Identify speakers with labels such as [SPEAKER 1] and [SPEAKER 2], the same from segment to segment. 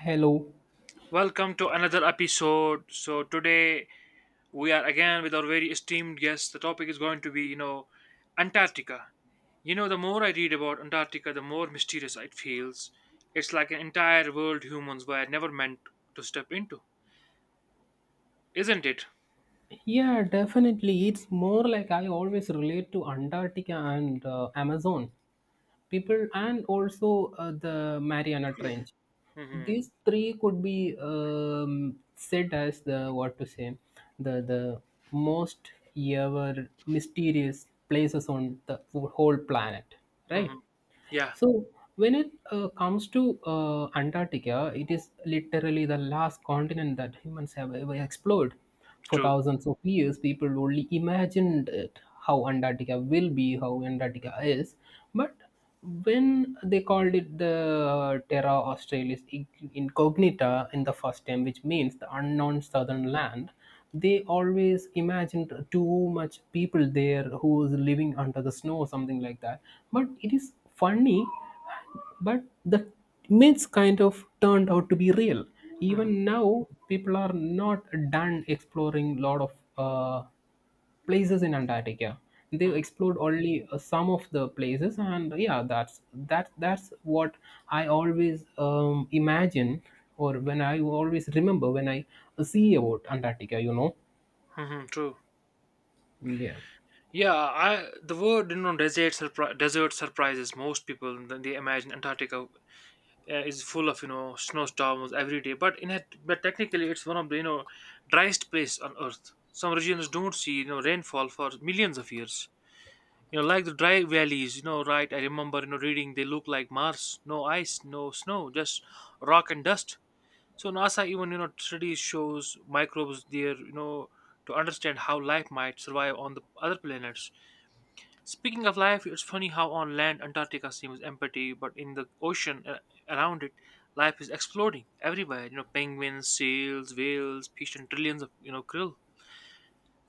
[SPEAKER 1] Hello.
[SPEAKER 2] Welcome to another episode. So today we are again with our very esteemed guest. The topic is going to be, Antarctica. You know, the more I read about Antarctica, the more mysterious it feels. It's like an entire world humans were never meant to step into, isn't it?
[SPEAKER 1] Yeah, definitely. It's more like I always relate to Antarctica and Amazon people, and also the Mariana Trench.
[SPEAKER 2] hmm
[SPEAKER 1] These three could be said as the what to say, the most ever mysterious places on the whole planet, right?
[SPEAKER 2] hmm Yeah,
[SPEAKER 1] So when it comes to Antarctica, it is literally the last continent that humans have ever explored. For
[SPEAKER 2] true.
[SPEAKER 1] thousands of years, people only imagined it, how Antarctica will be, how Antarctica is. But when they called it the Terra Australis Incognita in the first time, which means the unknown southern land, they always imagined too much people there who is living under the snow or something like that. But it is funny, but the myths kind of turned out to be real.
[SPEAKER 2] hmm
[SPEAKER 1] Even now, people are not done exploring lot of. Uh, places in Antarctica. They've explored only some of the places, and yeah, that's what I always imagine, or when I always remember when I see about Antarctica. You know,
[SPEAKER 2] True.
[SPEAKER 1] yeah,
[SPEAKER 2] Yeah, I the word you know desert surprises most people. Then they imagine Antarctica is full of snowstorms every day, but technically it's one of the driest place on earth. Some regions don't see rainfall for millions of years, like the dry valleys. Right, I remember reading they look like Mars. No ice, no snow, just rock and dust. So NASA even studies shows microbes there, to understand how life might survive on the other planets. Speaking of life, it's funny how on land Antarctica seems empty, but in the ocean around it, life is exploding everywhere. You know, penguins, seals, whales, fish, and trillions of krill.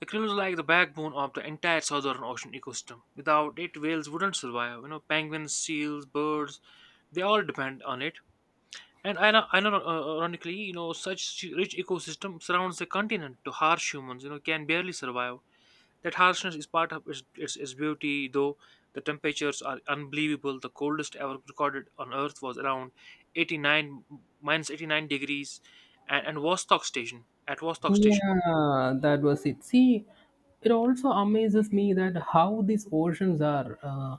[SPEAKER 2] The krill is like the backbone of the entire southern ocean ecosystem. Without it, whales wouldn't survive. You know, penguins, seals, birds, they all depend on it. And ironically, you know, such rich ecosystem surrounds the continent. To harsh humans, you know, can barely survive. That harshness is part of its beauty, though the temperatures are unbelievable. The coldest ever recorded on Earth was around 89 minus 89 degrees, and Vostok Station. At Vostok Station.
[SPEAKER 1] yeah, that was it. See, it also amazes me that how these oceans are.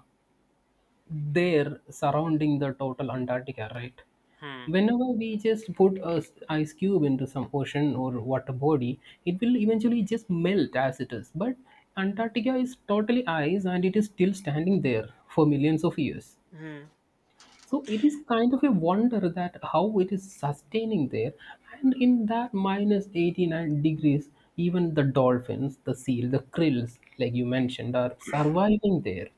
[SPEAKER 1] There surrounding the total Antarctica, right?
[SPEAKER 2] Hmm.
[SPEAKER 1] Whenever we just put a ice cube into some ocean or water body, it will eventually just melt as it is. But Antarctica is totally ice and it is still standing there for millions of years,
[SPEAKER 2] hmm
[SPEAKER 1] so it is kind of a wonder that how it is sustaining there. And in that minus 89 degrees, even the dolphins, the seal, the krills, like you mentioned, are surviving there.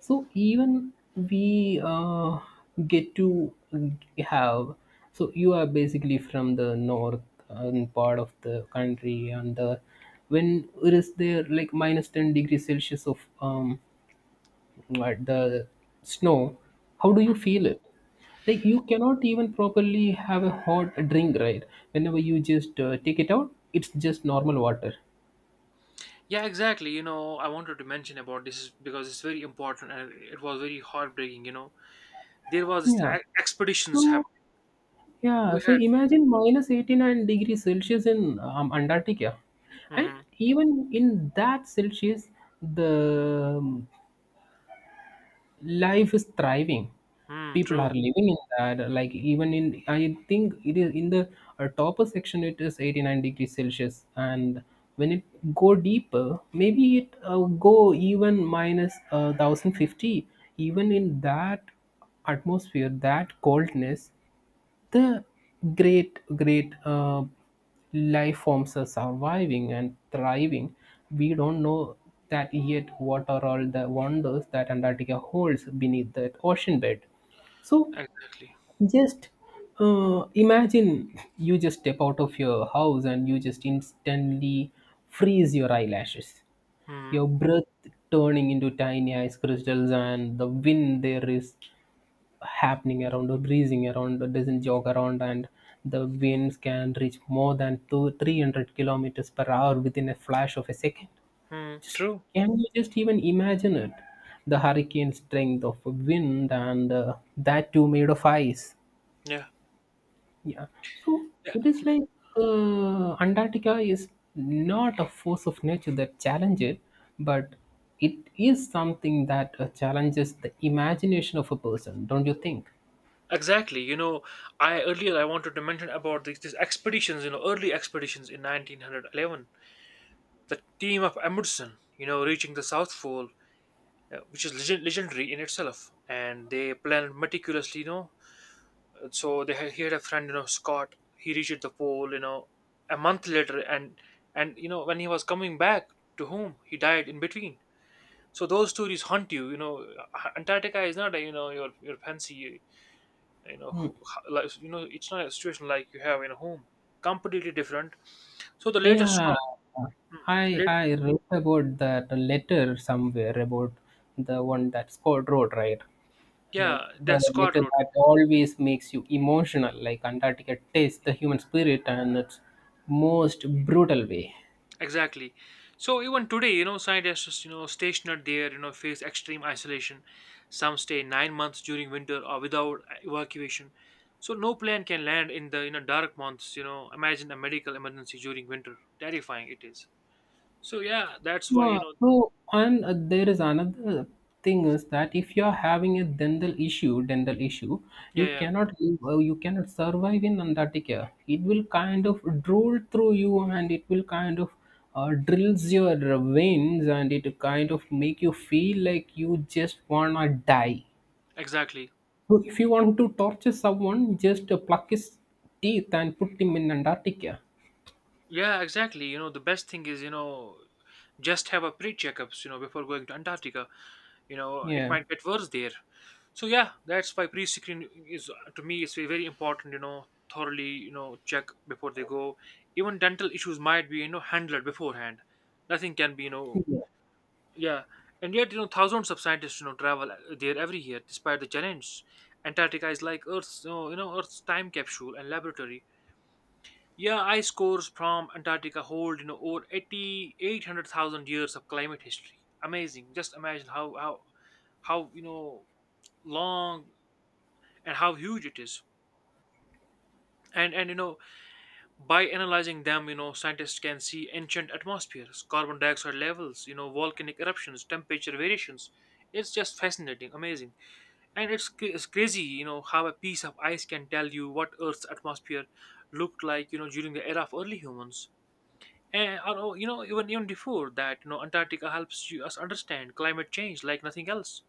[SPEAKER 1] So even we get to have, so you are basically from the north part of the country, and the, when it is there like minus 10 degrees Celsius of at the snow, how do you
[SPEAKER 2] hmm.
[SPEAKER 1] feel it? Like you cannot even properly have a hot drink, right? Whenever you just take it out, it's just normal water.
[SPEAKER 2] Yeah, exactly. You know, I wanted to mention about this is because it's very important and it was very heartbreaking. You know, there was this
[SPEAKER 1] Yeah, so
[SPEAKER 2] expeditions happening.
[SPEAKER 1] yeah,
[SPEAKER 2] We
[SPEAKER 1] so
[SPEAKER 2] had.
[SPEAKER 1] imagine minus 89 degrees Celsius in Antarctica, and
[SPEAKER 2] Mm-hmm.
[SPEAKER 1] even in that Celsius, the life is thriving,
[SPEAKER 2] Mm,
[SPEAKER 1] people
[SPEAKER 2] true.
[SPEAKER 1] are living in that, like even in, I think it is in the topper section it is 89 degrees Celsius, and when it go deeper, maybe it go even minus 1050. Even in that atmosphere, that coldness, the great great life forms are surviving and thriving. We don't know that yet, what are all the wonders that Antarctica holds beneath that ocean bed. So
[SPEAKER 2] Exactly.
[SPEAKER 1] just imagine you just step out of your house and you just instantly freeze your eyelashes, your
[SPEAKER 2] Hmm.
[SPEAKER 1] breath turning into tiny ice crystals, and the wind there is happening around or breezing around or doesn't jog around, and the winds can reach more than two 300 kilometers per hour within a flash of a second. Just,
[SPEAKER 2] True.
[SPEAKER 1] can you just even imagine it? The hurricane strength of a wind, and that too made of ice.
[SPEAKER 2] Yeah.
[SPEAKER 1] Yeah, so
[SPEAKER 2] Yeah.
[SPEAKER 1] it is like Antarctica is not a force of nature that challenges, but it is something that challenges the imagination of a person, don't you think?
[SPEAKER 2] Exactly. You know, I earlier I wanted to mention about these expeditions, you know, early expeditions in 1911. The team of Amundsen, you know, reaching the South Pole, legendary in itself, and they planned meticulously. You know, he had a friend, you know, Scott. He reached the pole, you know, a month later, and when he was coming back to home, he died in between. So those stories haunt you. You know, Antarctica is not a, you know your fancy you know
[SPEAKER 1] Hmm.
[SPEAKER 2] who, it's not a situation like you have in a home. Completely different. So the later
[SPEAKER 1] Yeah,
[SPEAKER 2] Scott,
[SPEAKER 1] I
[SPEAKER 2] late,
[SPEAKER 1] I read about that letter somewhere, about the one that Scott wrote, right? Like
[SPEAKER 2] yeah, the
[SPEAKER 1] the
[SPEAKER 2] Scott
[SPEAKER 1] letter
[SPEAKER 2] road.
[SPEAKER 1] that always makes you emotional, like Antarctica tastes the human spirit and its most brutal way.
[SPEAKER 2] Exactly. So even today, scientists, stationed there, face extreme isolation. Some stay 9 months during winter or without evacuation. So no plane can land in the dark months. Imagine a medical emergency during winter, terrifying it is. So yeah, that's why, you
[SPEAKER 1] Yeah,
[SPEAKER 2] know
[SPEAKER 1] so and there is another thing is that if you are having a dental issue,
[SPEAKER 2] yeah
[SPEAKER 1] you
[SPEAKER 2] yeah
[SPEAKER 1] cannot live, you cannot survive in Antarctica. It will kind of drool through you, and it will kind of drills your veins, and it kind of make you feel like you just wanna die.
[SPEAKER 2] exactly
[SPEAKER 1] So if you want to torture someone, just pluck his teeth and put him in Antarctica.
[SPEAKER 2] Yeah, exactly. You know, the best thing is, you know, just have a pre-checkups, you know, before going to Antarctica. You know, it
[SPEAKER 1] Yeah.
[SPEAKER 2] might get worse there. So yeah, that's why pre-screen is to me it's very important. You know, thoroughly, you know, check before they go. Even dental issues might be, you know, handled beforehand. Nothing can be, you know, yeah. And yet, you know, thousands of scientists, you know, travel there every year, despite the challenge. Antarctica is like Earth's, you know, Earth's time capsule and laboratory. Yeah, ice cores from Antarctica hold over 800,000 years of climate history. Amazing. Just imagine how long and how huge it is. And you know, by analyzing them, you know, scientists can see ancient atmospheres, carbon dioxide levels, you know, volcanic eruptions, temperature variations. It's just fascinating, amazing, and it's crazy, you know, how a piece of ice can tell you what Earth's atmosphere looked like, you know, during the era of early humans. And although, you know, even before that, you know, Antarctica helps us understand climate change like nothing else.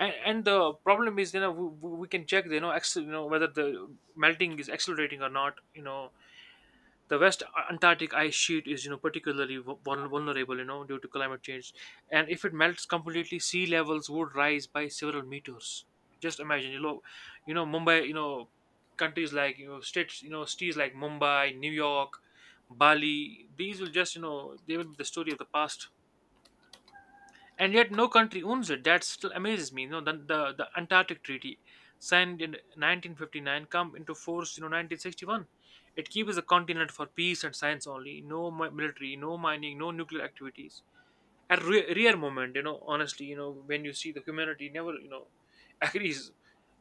[SPEAKER 2] And the problem is, you know, we can check, you know, you know, whether the melting is accelerating or not. You know, the West Antarctic ice sheet is, you know, particularly vulnerable, you know, due to climate change, and if it melts completely, sea levels would rise by several meters. Just imagine, you know Mumbai, you know countries like you know states, you know cities like Mumbai, New York, Bali. These will just, you know, they will be the story of the past. And yet no country owns it. That still amazes me. You know, the Antarctic Treaty, signed in 1959, come into force, you know, 1961. It keeps the continent for peace and science only. No military, no mining, no nuclear activities. A rare moment, you know. Honestly, you know, when you see the humanity never, you know, agrees.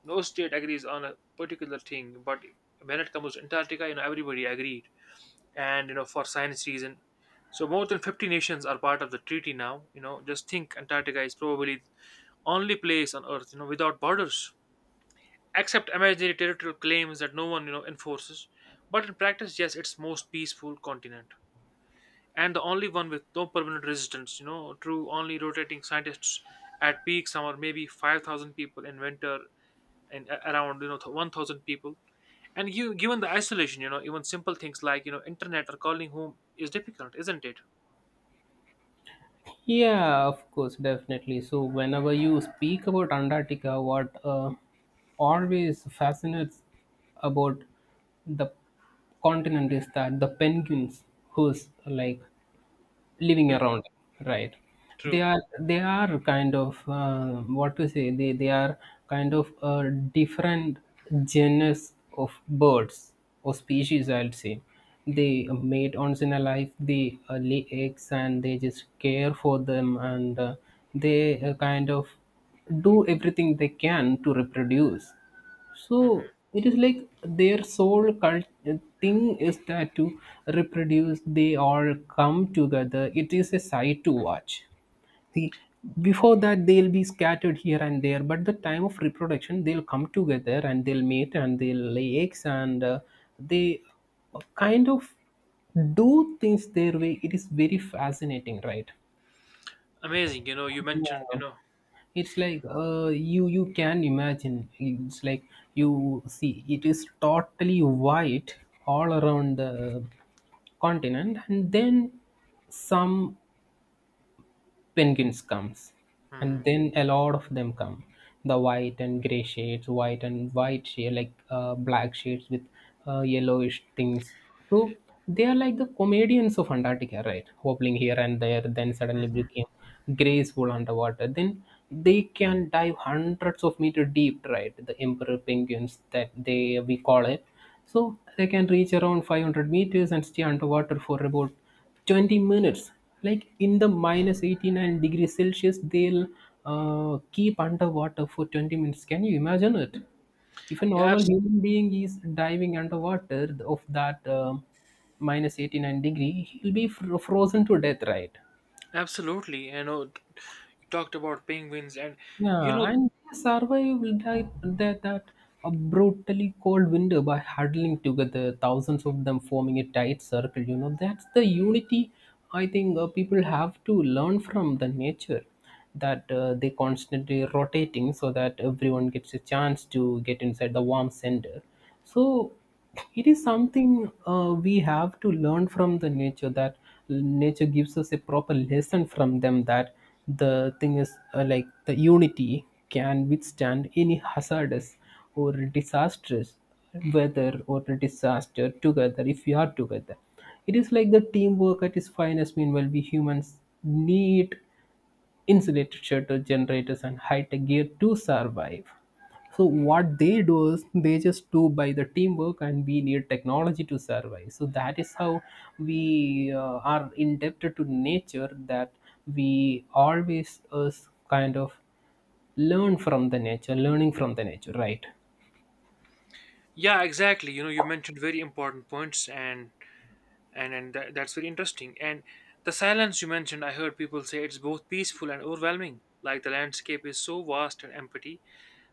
[SPEAKER 2] No state agrees on a particular thing, but when it comes to Antarctica, you know, everybody agreed, and you know, for science reason. So more than 50 nations are part of the treaty now. You know, just think, Antarctica is probably only place on earth, you know, without borders, except imaginary territorial claims that no one, you know, enforces. But in practice, yes, it's most peaceful continent, and the only one with no permanent resistance, you know. True, only rotating scientists. At peak summer, maybe 5,000 people, in winter and around, you know, 1000 people. And you given the isolation, you know, even simple things like, you know, internet or calling home is difficult, isn't it?
[SPEAKER 1] Yeah, of course, definitely. So, whenever you speak about Antarctica, what always fascinates about the continent is that the penguins, who's like living
[SPEAKER 2] Hmm,
[SPEAKER 1] around, right? They
[SPEAKER 2] true.
[SPEAKER 1] are, they are kind of what to say, they are kind of a different genus of birds, or species I will say. They mate once in a life, they lay eggs and they just care for them, and they kind of do everything they can to reproduce. So
[SPEAKER 2] hmm
[SPEAKER 1] it is like their sole cult thing is that to reproduce, they all come together. It is a sight to watch. See, before that they'll be scattered here and there, but the time of reproduction they'll come together and they'll mate and they'll lay eggs and they kind of do things their way. It is very fascinating, right?
[SPEAKER 2] Amazing, you know you mentioned you
[SPEAKER 1] Yeah,
[SPEAKER 2] know
[SPEAKER 1] it's like you can imagine, it's like you see it is totally white all around the continent, and then some penguins comes, and
[SPEAKER 2] hmm
[SPEAKER 1] then a lot of them come, the white and gray shades, white and white shade like black shades with yellowish things. So they are like the comedians of Antarctica, right? Hobbling here and there, then suddenly
[SPEAKER 2] hmm
[SPEAKER 1] became graceful underwater, then they can dive hundreds of meter deep, right? The emperor penguins that they we call it. So they can reach around 500 meters and stay underwater for about 20 minutes, like in the minus 89 degrees Celsius they'll keep underwater for 20 minutes. Can you imagine it? If a
[SPEAKER 2] yeah
[SPEAKER 1] normal
[SPEAKER 2] abs-
[SPEAKER 1] human being is diving underwater of that minus 89 degree, he'll be frozen to death, right?
[SPEAKER 2] Absolutely, you know. You talked about penguins, and you know
[SPEAKER 1] Yeah, and they survived that, that a brutally cold winter by huddling together, thousands of them forming a tight circle. You know, that's the unity I think people have to learn from the nature, that they constantly rotating so that everyone gets a chance to get inside the warm center. So it is something we have to learn from the nature, that nature gives us a proper lesson from them, that the thing is like the unity can withstand any hazardous or disastrous weather or disaster together, if we are together. It is like the teamwork at its finest. Meanwhile, we humans need insulated shutter generators and high-tech gear to survive. So what they do is they just do by the teamwork, and we need technology to survive. So that is how we are indebted to nature, that we always kind of learn from the nature, learning from the nature, right?
[SPEAKER 2] yeah, exactly, you know, you mentioned very important points, and and that's very interesting. And the silence you mentioned, I heard people say it's both peaceful and overwhelming. Like the landscape is so vast and empty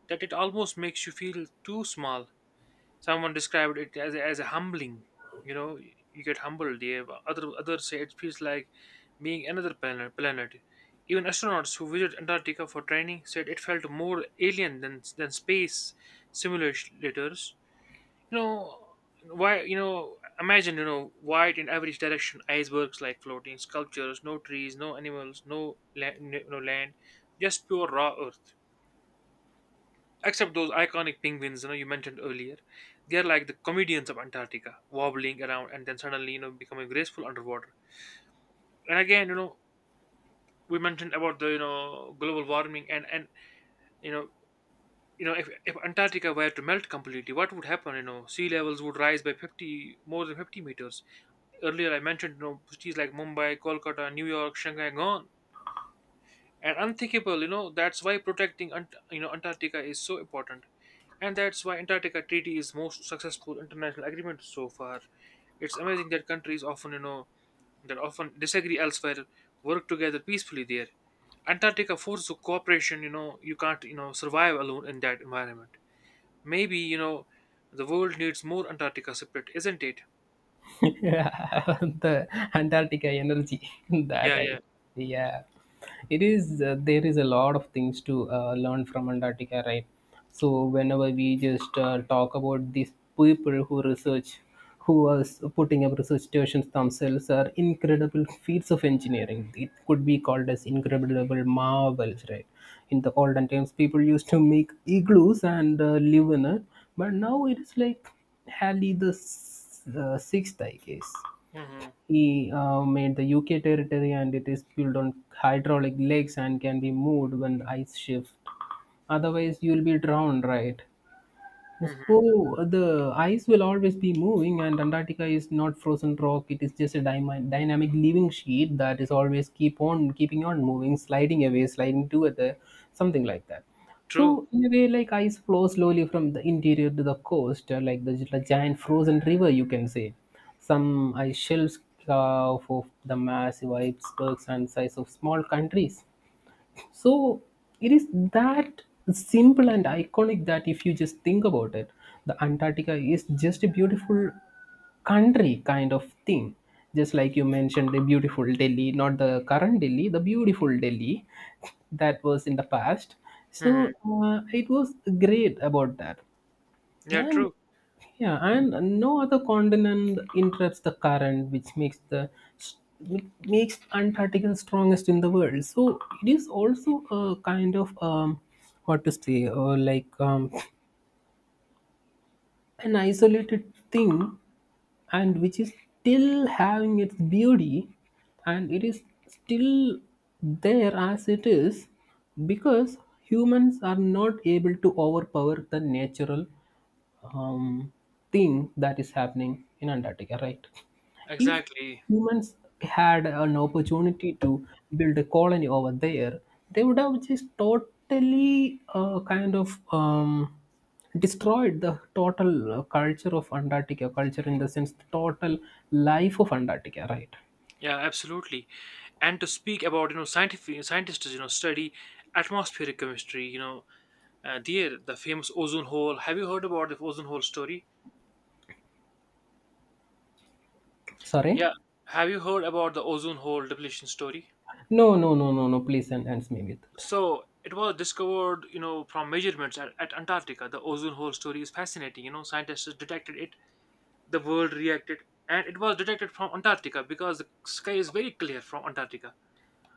[SPEAKER 2] that it almost makes you feel too small. Someone described it as a humbling. You know, you get humbled. Yeah. But others say it feels like being another planet. Even astronauts who visit Antarctica for training said it felt more alien than space simulators. You know why? You know, imagine, you know, white in every direction, icebergs like floating sculptures, no trees, no animals, no land, just pure raw earth. Except those iconic penguins, you know, you mentioned earlier. They are like the comedians of Antarctica, wobbling around and then suddenly, you know, becoming graceful underwater. And again, you know, we mentioned about the, you know, global warming, you know, you know, if Antarctica were to melt completely, what would happen? You know, sea levels would rise by 50, more than 50 meters. Earlier, I mentioned, you know, cities like Mumbai, Kolkata, New York, Shanghai, gone. And unthinkable, you know, that's why protecting, Antarctica is so important. And that's why Antarctica Treaty is most successful international agreement so far. It's amazing that countries that often disagree elsewhere work together peacefully there. Antarctica forces cooperation, you know, you can't, you know, survive alone in that environment. Maybe, you know, the world needs more Antarctica spirit, isn't it?
[SPEAKER 1] The Antarctica energy that
[SPEAKER 2] Yeah,
[SPEAKER 1] I,
[SPEAKER 2] yeah.
[SPEAKER 1] yeah, it is there is a lot of things to learn from Antarctica, right? So whenever we just talk about these people who research, who are putting up research stations, themselves are incredible feats of engineering, it could be called as incredible marvels, right? In the olden times people used to make igloos and live in it, but now it is like Halley the sixth, I guess.
[SPEAKER 2] Mm-hmm.
[SPEAKER 1] He made the UK territory, and it is built on hydraulic legs and can be moved when the ice shift. Otherwise, you'll be drowned, right?
[SPEAKER 2] Mm-hmm.
[SPEAKER 1] So the ice will always be moving, and Antarctica is not frozen rock. It is just a dynamic living sheet that is always keep on keeping on moving, sliding away, sliding together, something like that.
[SPEAKER 2] True.
[SPEAKER 1] So in a way, like ice flows slowly from the interior to the coast, like the giant frozen river, you can say. Some ice shelves carve of the massive icebergs and size of small countries. So it is that simple and iconic, that if you just think about it, the Antarctica is just a beautiful country kind of thing. Just like you mentioned, the beautiful Delhi, not the current Delhi, the beautiful Delhi that was in the past.
[SPEAKER 2] Mm-hmm.
[SPEAKER 1] So it was great about that.
[SPEAKER 2] Yeah,
[SPEAKER 1] And
[SPEAKER 2] true.
[SPEAKER 1] yeah, and no other continent interrupts the current, which makes the which makes Antarctica strongest in the world. So it is also a kind of what to say, or like an isolated thing, and which is still having its beauty, and it is still there as it is, because humans are not able to overpower the natural um, thing that is happening in Antarctica, right? If
[SPEAKER 2] Exactly.
[SPEAKER 1] humans had an opportunity to build a colony over there, they would have just totally kind of destroyed the total culture of Antarctica, culture in the sense, the total life of Antarctica, right?
[SPEAKER 2] Yeah, absolutely. And to speak about, you know, scientific scientists, you know, study atmospheric chemistry. You know, there the famous ozone hole. Have you heard about the ozone hole story?
[SPEAKER 1] Sorry?
[SPEAKER 2] Yeah. Have you heard about the ozone hole depletion story?
[SPEAKER 1] No, no, no, no, no, please ends me with it.
[SPEAKER 2] So it was discovered, you know, from measurements at Antarctica. The ozone hole story is fascinating. You know, scientists detected it, the world reacted, and it was detected from Antarctica because the sky is very clear from Antarctica.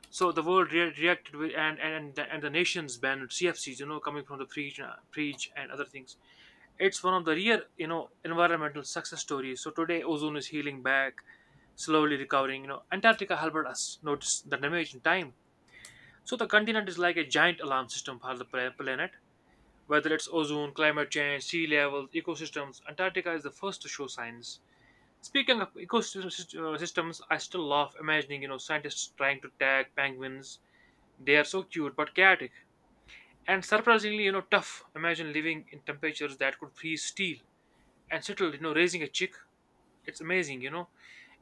[SPEAKER 2] So the world reacted with, and the nations banned CFCs, you know, coming from the preach, preach and other things. It's one of the rare, you know, environmental success stories. So today, ozone is healing back, slowly recovering. You know, Antarctica helped us notice the damage in time. So the continent is like a giant alarm system for the planet. Whether it's ozone, climate change, sea levels, ecosystems, Antarctica is the first to show signs. Speaking of systems, I still love imagining, you know, scientists trying to tag penguins. They are so cute but chaotic, and surprisingly, you know, tough. Imagine living in temperatures that could freeze steel and settle, you know, raising a chick. It's amazing, you know.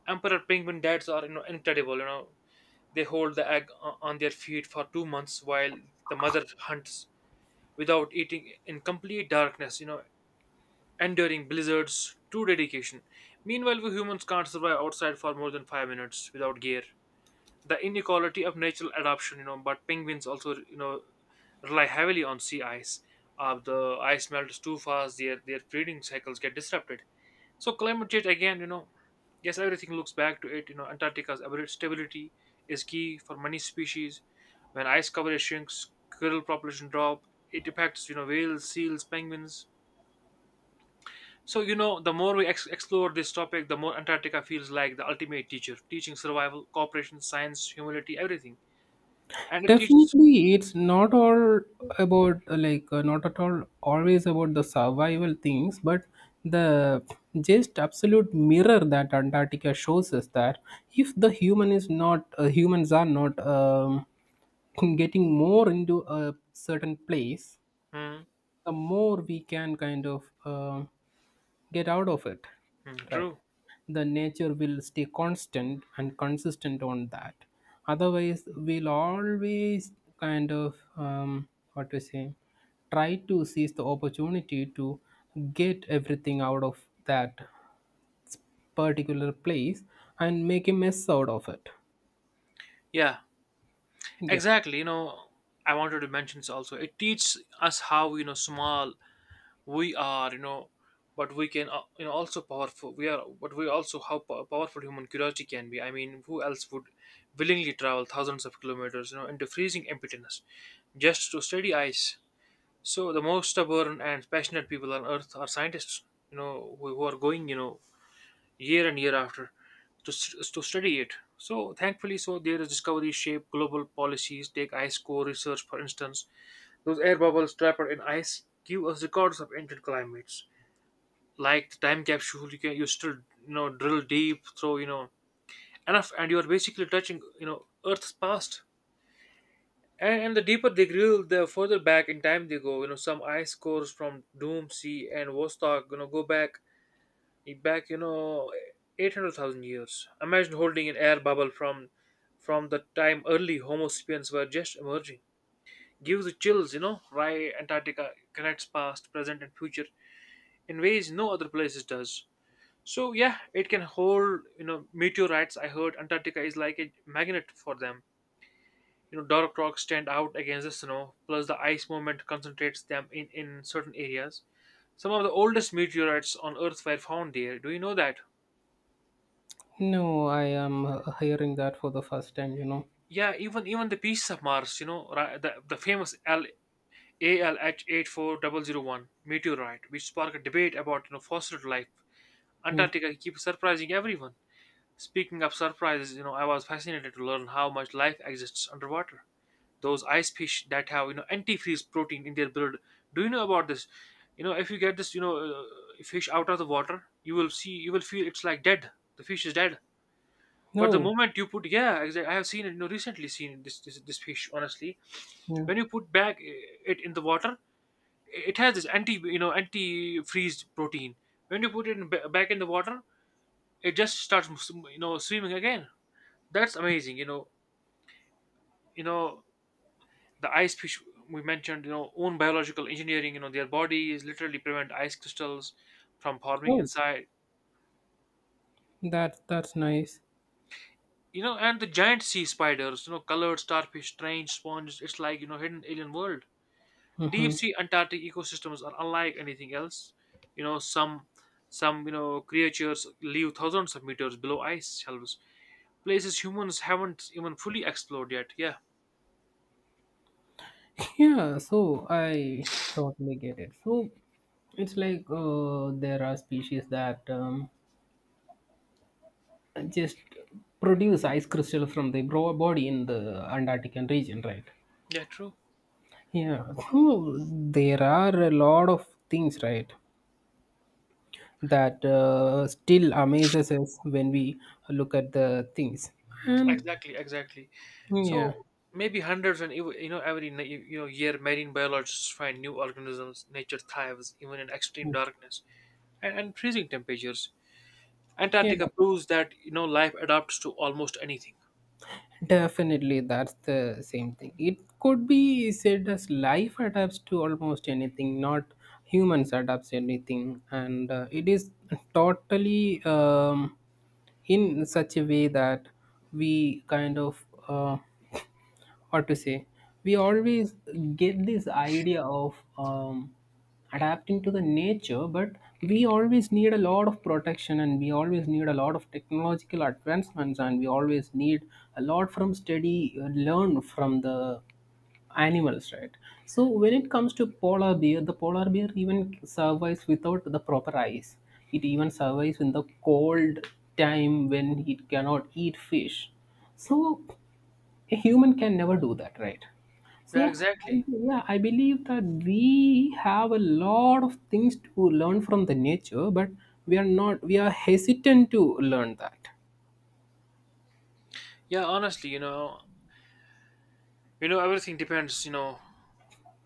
[SPEAKER 2] Emperor penguin dads are, you know, incredible, you know. They hold the egg on their feet for 2 months while the mother hunts without eating in complete darkness, you know, enduring blizzards, true dedication. Meanwhile, we humans can't survive outside for more than 5 minutes without gear. The inequality of natural adaptation, but penguins also, rely heavily on sea ice. The ice melts too fast. Their breeding cycles get disrupted. So climate change again. Yes, everything looks back to it. Antarctica's abrupt stability is key for many species. When ice cover shrinks, krill population drop. It affects, whales, seals, penguins. So, the more we explore this topic, the more Antarctica feels like the ultimate teacher teaching survival, cooperation, science, humility, everything. And it teaches.
[SPEAKER 1] Definitely, it's not all about not at all always about the survival things, but the just absolute mirror that Antarctica shows us that if the human is not humans are not getting more into a certain place,
[SPEAKER 2] Mm.
[SPEAKER 1] the more we can get out of it,
[SPEAKER 2] Mm,
[SPEAKER 1] right.
[SPEAKER 2] true.
[SPEAKER 1] The nature will stay constant and consistent on that. Otherwise, we'll always kind of um, what to say, try to seize the opportunity to get everything out of that particular place and make a mess out of it.
[SPEAKER 2] Yeah,
[SPEAKER 1] Yeah.
[SPEAKER 2] exactly, I wanted to mention this also. It teaches us how, small we are, but we can, also powerful we are. But we also how powerful human curiosity can be. I mean, who else would willingly travel thousands of kilometers, into freezing emptiness just to study ice? So the most stubborn and passionate people on Earth are scientists, who are going, year and year after, to study it. So thankfully, so their discoveries shape global policies. Take ice core research, for instance. Those air bubbles trapped in ice give us records of ancient climates. Like the time capsule, you can, you still, drill deep through, enough, and you are basically touching, Earth's past. And the deeper they drill, the further back in time they go. You know, some ice cores from Doom Sea and Vostok, go back, 800,000 years. Imagine holding an air bubble from the time early Homo sapiens were just emerging. Gives the chills, Why Antarctica connects past, present, and future in ways no other places does. So yeah, it can hold, meteorites. I heard Antarctica is like a magnet for them. You know, dark rocks stand out against the snow. Plus, the ice movement concentrates them in certain areas. Some of the oldest meteorites on Earth were found there. Do you know that?
[SPEAKER 1] No, I am hearing that for the first time, you know.
[SPEAKER 2] Yeah, even the Beasts of Mars, the famous L A L ALH 84001 meteorite, which sparked a debate about, fossil life.
[SPEAKER 1] Hmm.
[SPEAKER 2] Antarctica keeps surprising everyone. Speaking of surprises, I was fascinated to learn how much life exists underwater. Those ice fish that have, antifreeze protein in their blood. Do you know about this? If you get this, fish out of the water, you will see, you will feel it's like dead. The fish is dead, but the
[SPEAKER 1] No.
[SPEAKER 2] moment you put, yeah, exactly. I have seen it. Recently seen this fish. Honestly,
[SPEAKER 1] Yeah.
[SPEAKER 2] when you put back it in the water, it has this anti, anti freeze protein. When you put it in, back in the water, it just starts swimming again. That's amazing. You know the ice fish we mentioned. You know, own biological engineering. You know, their bodies literally prevent ice crystals from forming
[SPEAKER 1] Oh,
[SPEAKER 2] inside.
[SPEAKER 1] that that's nice.
[SPEAKER 2] You know, and the giant sea spiders. You know, colored starfish, strange sponges. It's like, hidden alien world. Deep
[SPEAKER 1] Hmm.
[SPEAKER 2] sea Antarctic ecosystems are unlike anything else, you know some some, creatures live thousands of meters below ice shelves. Places humans haven't even fully explored yet, yeah.
[SPEAKER 1] Yeah, so I totally get it. So it's like there are species that just produce ice crystal from the body in the Antarctic region, right?
[SPEAKER 2] Yeah, true.
[SPEAKER 1] Yeah, so there are a lot of things, right, that still amazes us when we look at the things. And
[SPEAKER 2] Exactly,
[SPEAKER 1] yeah,
[SPEAKER 2] so maybe hundreds, and every year, marine biologists find new organisms. Nature thrives even in extreme darkness and freezing temperatures.
[SPEAKER 1] yeah.
[SPEAKER 2] Antarctica proves that, life adapts to almost anything.
[SPEAKER 1] Definitely, that's the same thing. It could be said as life adapts to almost anything, not humans adapts anything, and it is totally in such a way that we kind of. What to say, we always get this idea of adapting to the nature, but we always need a lot of protection and we always need a lot of technological advancements and we always need a lot from study learn from the animals, right? So when it comes to polar bear, the polar bear even survives without the proper ice. It even survives in the cold time when it cannot eat fish. So a human can never do that, right?
[SPEAKER 2] Yeah,
[SPEAKER 1] So, I,
[SPEAKER 2] exactly.
[SPEAKER 1] yeah, I believe that we have a lot of things to learn from the nature, but we are not, we are hesitant to learn that.
[SPEAKER 2] Yeah, honestly, you know, everything depends, you know,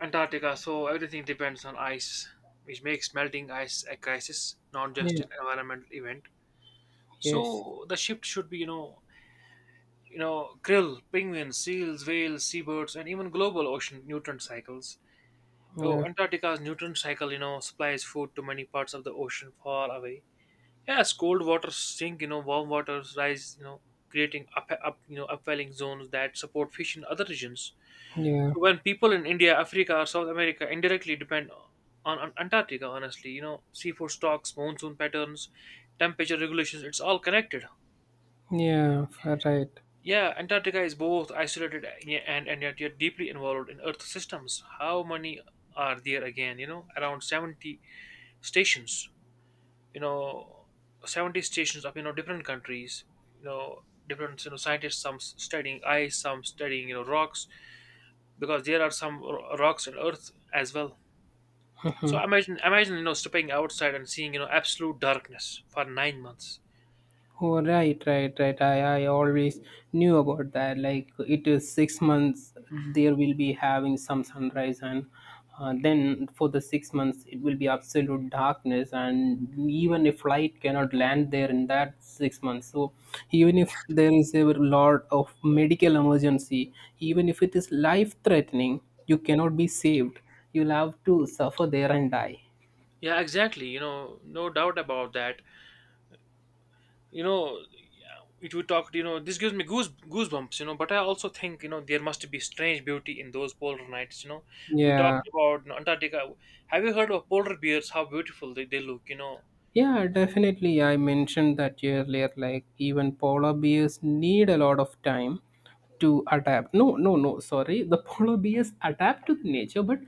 [SPEAKER 2] Antarctica, so everything depends on ice, which makes melting ice a crisis, not just
[SPEAKER 1] Yeah.
[SPEAKER 2] an environmental event.
[SPEAKER 1] Yes.
[SPEAKER 2] So the shift should be, krill, penguins, seals, whales, seabirds, and even global ocean nutrient cycles. Oh,
[SPEAKER 1] Yeah.
[SPEAKER 2] Antarctica's nutrient cycle, supplies food to many parts of the ocean far away. Yes, cold waters sink, warm waters rise, creating upwelling zones that support fish in other regions.
[SPEAKER 1] Yeah.
[SPEAKER 2] So when people in India, Africa, or South America indirectly depend on Antarctica, honestly, seafood stocks, monsoon patterns, temperature regulations, it's all connected.
[SPEAKER 1] Yeah. Right.
[SPEAKER 2] Yeah, Antarctica is both isolated and yet deeply involved in Earth systems. How many are there again? You know, around 70 stations, you know, 70 stations of, different countries, you know, different, scientists, some studying ice, some studying, rocks, because there are some rocks in Earth as well. So imagine, stepping outside and seeing, absolute darkness for 9 months.
[SPEAKER 1] Oh, right, right, right. I always knew about that. Like it is 6 months, there will be having some sunrise, and then for the 6 months, it will be absolute darkness. And even a flight cannot land there in that 6 months. So, even if there is a lot of medical emergency, even if it is life threatening, you cannot be saved. You'll have to suffer there and die.
[SPEAKER 2] Yeah, exactly. No doubt about that. You know, it would talk. This gives me goosebumps. But I also think, there must be strange beauty in those polar nights. We
[SPEAKER 1] Yeah.
[SPEAKER 2] talked about, Antarctica. Have you heard of polar bears? How beautiful they look.
[SPEAKER 1] Yeah, definitely. I mentioned that earlier. Like, even polar bears need a lot of time to adapt. No, no, no. Sorry, the polar bears adapt to the nature, but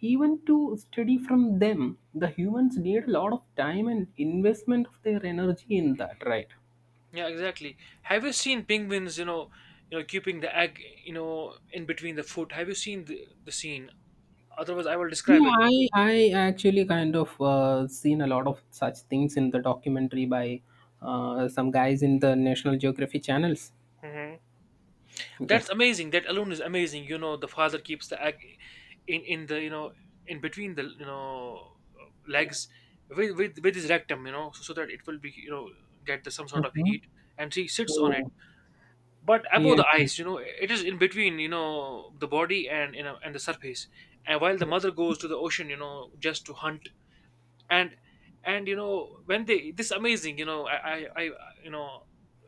[SPEAKER 1] even to study from them, the humans need a lot of time and investment of their energy in that, right?
[SPEAKER 2] Yeah, exactly. Have you seen penguins? Keeping the egg, in between the foot. Have you seen the scene? Otherwise, I will describe
[SPEAKER 1] Yeah,
[SPEAKER 2] it.
[SPEAKER 1] I actually seen a lot of such things in the documentary by some guys in the National Geography channels. Yeah.
[SPEAKER 2] That's amazing. That alone is amazing. You know, the father keeps the egg in the, in between the, legs, with his rectum. So that it will be, get the, some sort of
[SPEAKER 1] Hmm.
[SPEAKER 2] heat, and she sits on it.
[SPEAKER 1] So
[SPEAKER 2] But above
[SPEAKER 1] yeah.
[SPEAKER 2] the eyes, it is in between. The body, and you know and the surface. And while the mother goes to the ocean, just to hunt. And and, when they this amazing, I, you know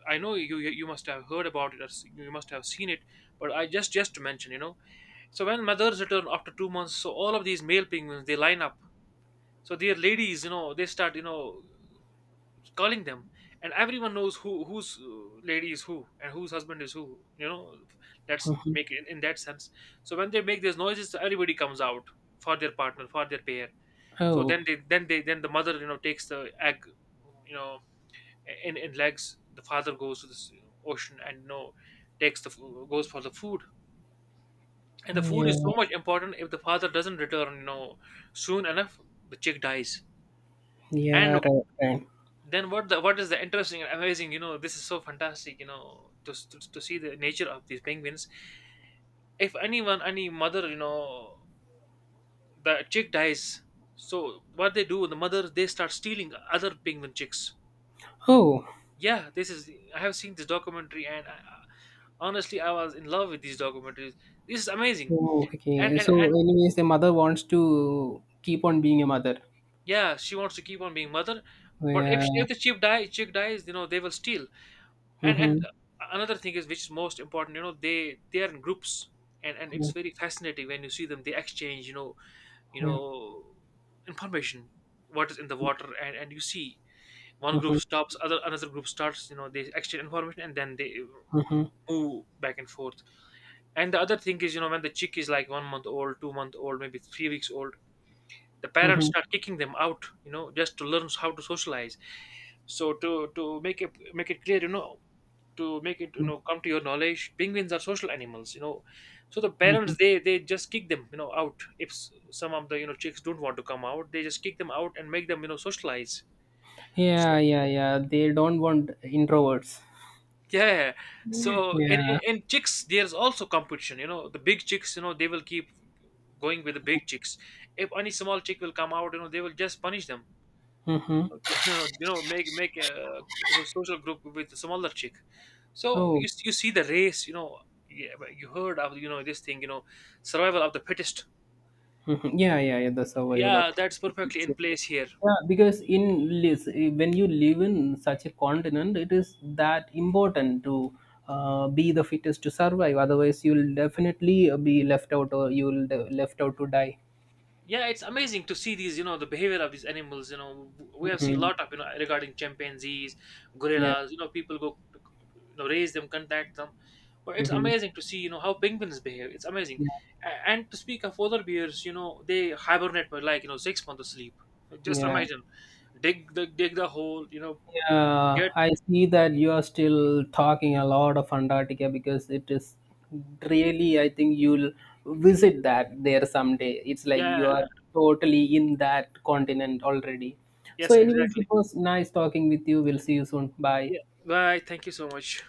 [SPEAKER 2] I know you must have heard about it, you must have seen it, but I just to mention, so when mothers return after 2 months, so all of these male penguins, they line up. So their ladies, they start, calling them. And everyone knows whose, lady is who and whose husband is who, let's
[SPEAKER 1] Mhm.
[SPEAKER 2] make it in that sense. So when they make these noises, everybody comes out for their partner, for their pair. So
[SPEAKER 1] Oh,
[SPEAKER 2] then they then they then the mother, takes the egg, you know, in legs. The father goes to this ocean and, takes goes for the food. And the food
[SPEAKER 1] yeah,
[SPEAKER 2] is so much important. If the father doesn't return, soon enough, the chick dies. And
[SPEAKER 1] yeah, right, right.
[SPEAKER 2] then, what is the interesting and amazing? You know, this is so fantastic. You know, to see the nature of these penguins. If anyone, any mother, the chick dies. So what they do, the mother, they start stealing other penguin chicks.
[SPEAKER 1] Oh,
[SPEAKER 2] Yeah, this is I have seen this documentary, and I, honestly, I was in love with these documentaries. This is amazing.
[SPEAKER 1] oh,
[SPEAKER 2] and
[SPEAKER 1] okay.
[SPEAKER 2] and,
[SPEAKER 1] So,
[SPEAKER 2] and
[SPEAKER 1] anyways, the mother wants to keep on being a mother.
[SPEAKER 2] yeah, she wants to keep on being mother.
[SPEAKER 1] Oh,
[SPEAKER 2] But
[SPEAKER 1] yeah.
[SPEAKER 2] if the chick dies, chick dies, they will steal, and
[SPEAKER 1] Mm-hmm.
[SPEAKER 2] another thing is, which is most important, they are in groups, and it's very fascinating. When you see them, they exchange, you
[SPEAKER 1] Yeah.
[SPEAKER 2] know information, what is in the
[SPEAKER 1] Yeah.
[SPEAKER 2] water, and you see, one group
[SPEAKER 1] Mm-hmm.
[SPEAKER 2] stops, other another group starts, they exchange information, and then they
[SPEAKER 1] Mm-hmm.
[SPEAKER 2] move back and forth. And the other thing is, when the chick is like 1 month old, 2 month old, maybe 3 weeks old, the parents
[SPEAKER 1] Mm-hmm.
[SPEAKER 2] start kicking them out, just to learn how to socialize. So to make it clear, to make it, come to your knowledge, penguins are social animals, So the parents, they just kick them, out. If some of the, chicks don't want to come out, they just kick them out and make them, socialize.
[SPEAKER 1] Yeah,
[SPEAKER 2] So.
[SPEAKER 1] yeah, yeah. They don't want introverts.
[SPEAKER 2] Yeah. So, and, and
[SPEAKER 1] Yeah.
[SPEAKER 2] and chicks, there's also competition. You know, the big chicks, they will keep going with the big chicks. If any small chick will come out, they will just punish them.
[SPEAKER 1] Mm-hmm.
[SPEAKER 2] Make a, social group with the smaller chick. So you
[SPEAKER 1] Oh.
[SPEAKER 2] s- you see the race. Yeah, but you heard of, this thing. You know, survival of the fittest.
[SPEAKER 1] Mhm. Yeah, yeah, yeah. The survival of
[SPEAKER 2] Yeah, that's perfectly in
[SPEAKER 1] sure.
[SPEAKER 2] place here.
[SPEAKER 1] Yeah, because in when you live in such a continent, it is that important to be the fittest to survive. Otherwise, you'll definitely be left out, or you'll left out to die.
[SPEAKER 2] Yeah, it's amazing to see these, the behavior of these animals, we have seen a
[SPEAKER 1] Hmm.
[SPEAKER 2] lot of, regarding chimpanzees,
[SPEAKER 1] Yeah.
[SPEAKER 2] gorillas, people go to, raise them, contact them. But it's
[SPEAKER 1] Hmm.
[SPEAKER 2] amazing to see, how penguins behave. It's amazing.
[SPEAKER 1] Yeah.
[SPEAKER 2] And to speak of other bears, they hibernate for like, 6 months of sleep. Just
[SPEAKER 1] Yeah.
[SPEAKER 2] imagine, dig the hole,
[SPEAKER 1] Yeah,
[SPEAKER 2] get.
[SPEAKER 1] I see that you are still talking a lot of Antarctica because it is really, I think you'll visit that there someday. It's like you
[SPEAKER 2] Yeah.
[SPEAKER 1] are totally in that continent already. So,
[SPEAKER 2] Yes,
[SPEAKER 1] anyways,
[SPEAKER 2] exactly.
[SPEAKER 1] it was nice talking with you. We'll see you soon. Bye.
[SPEAKER 2] Yeah, bye. Thank you so much.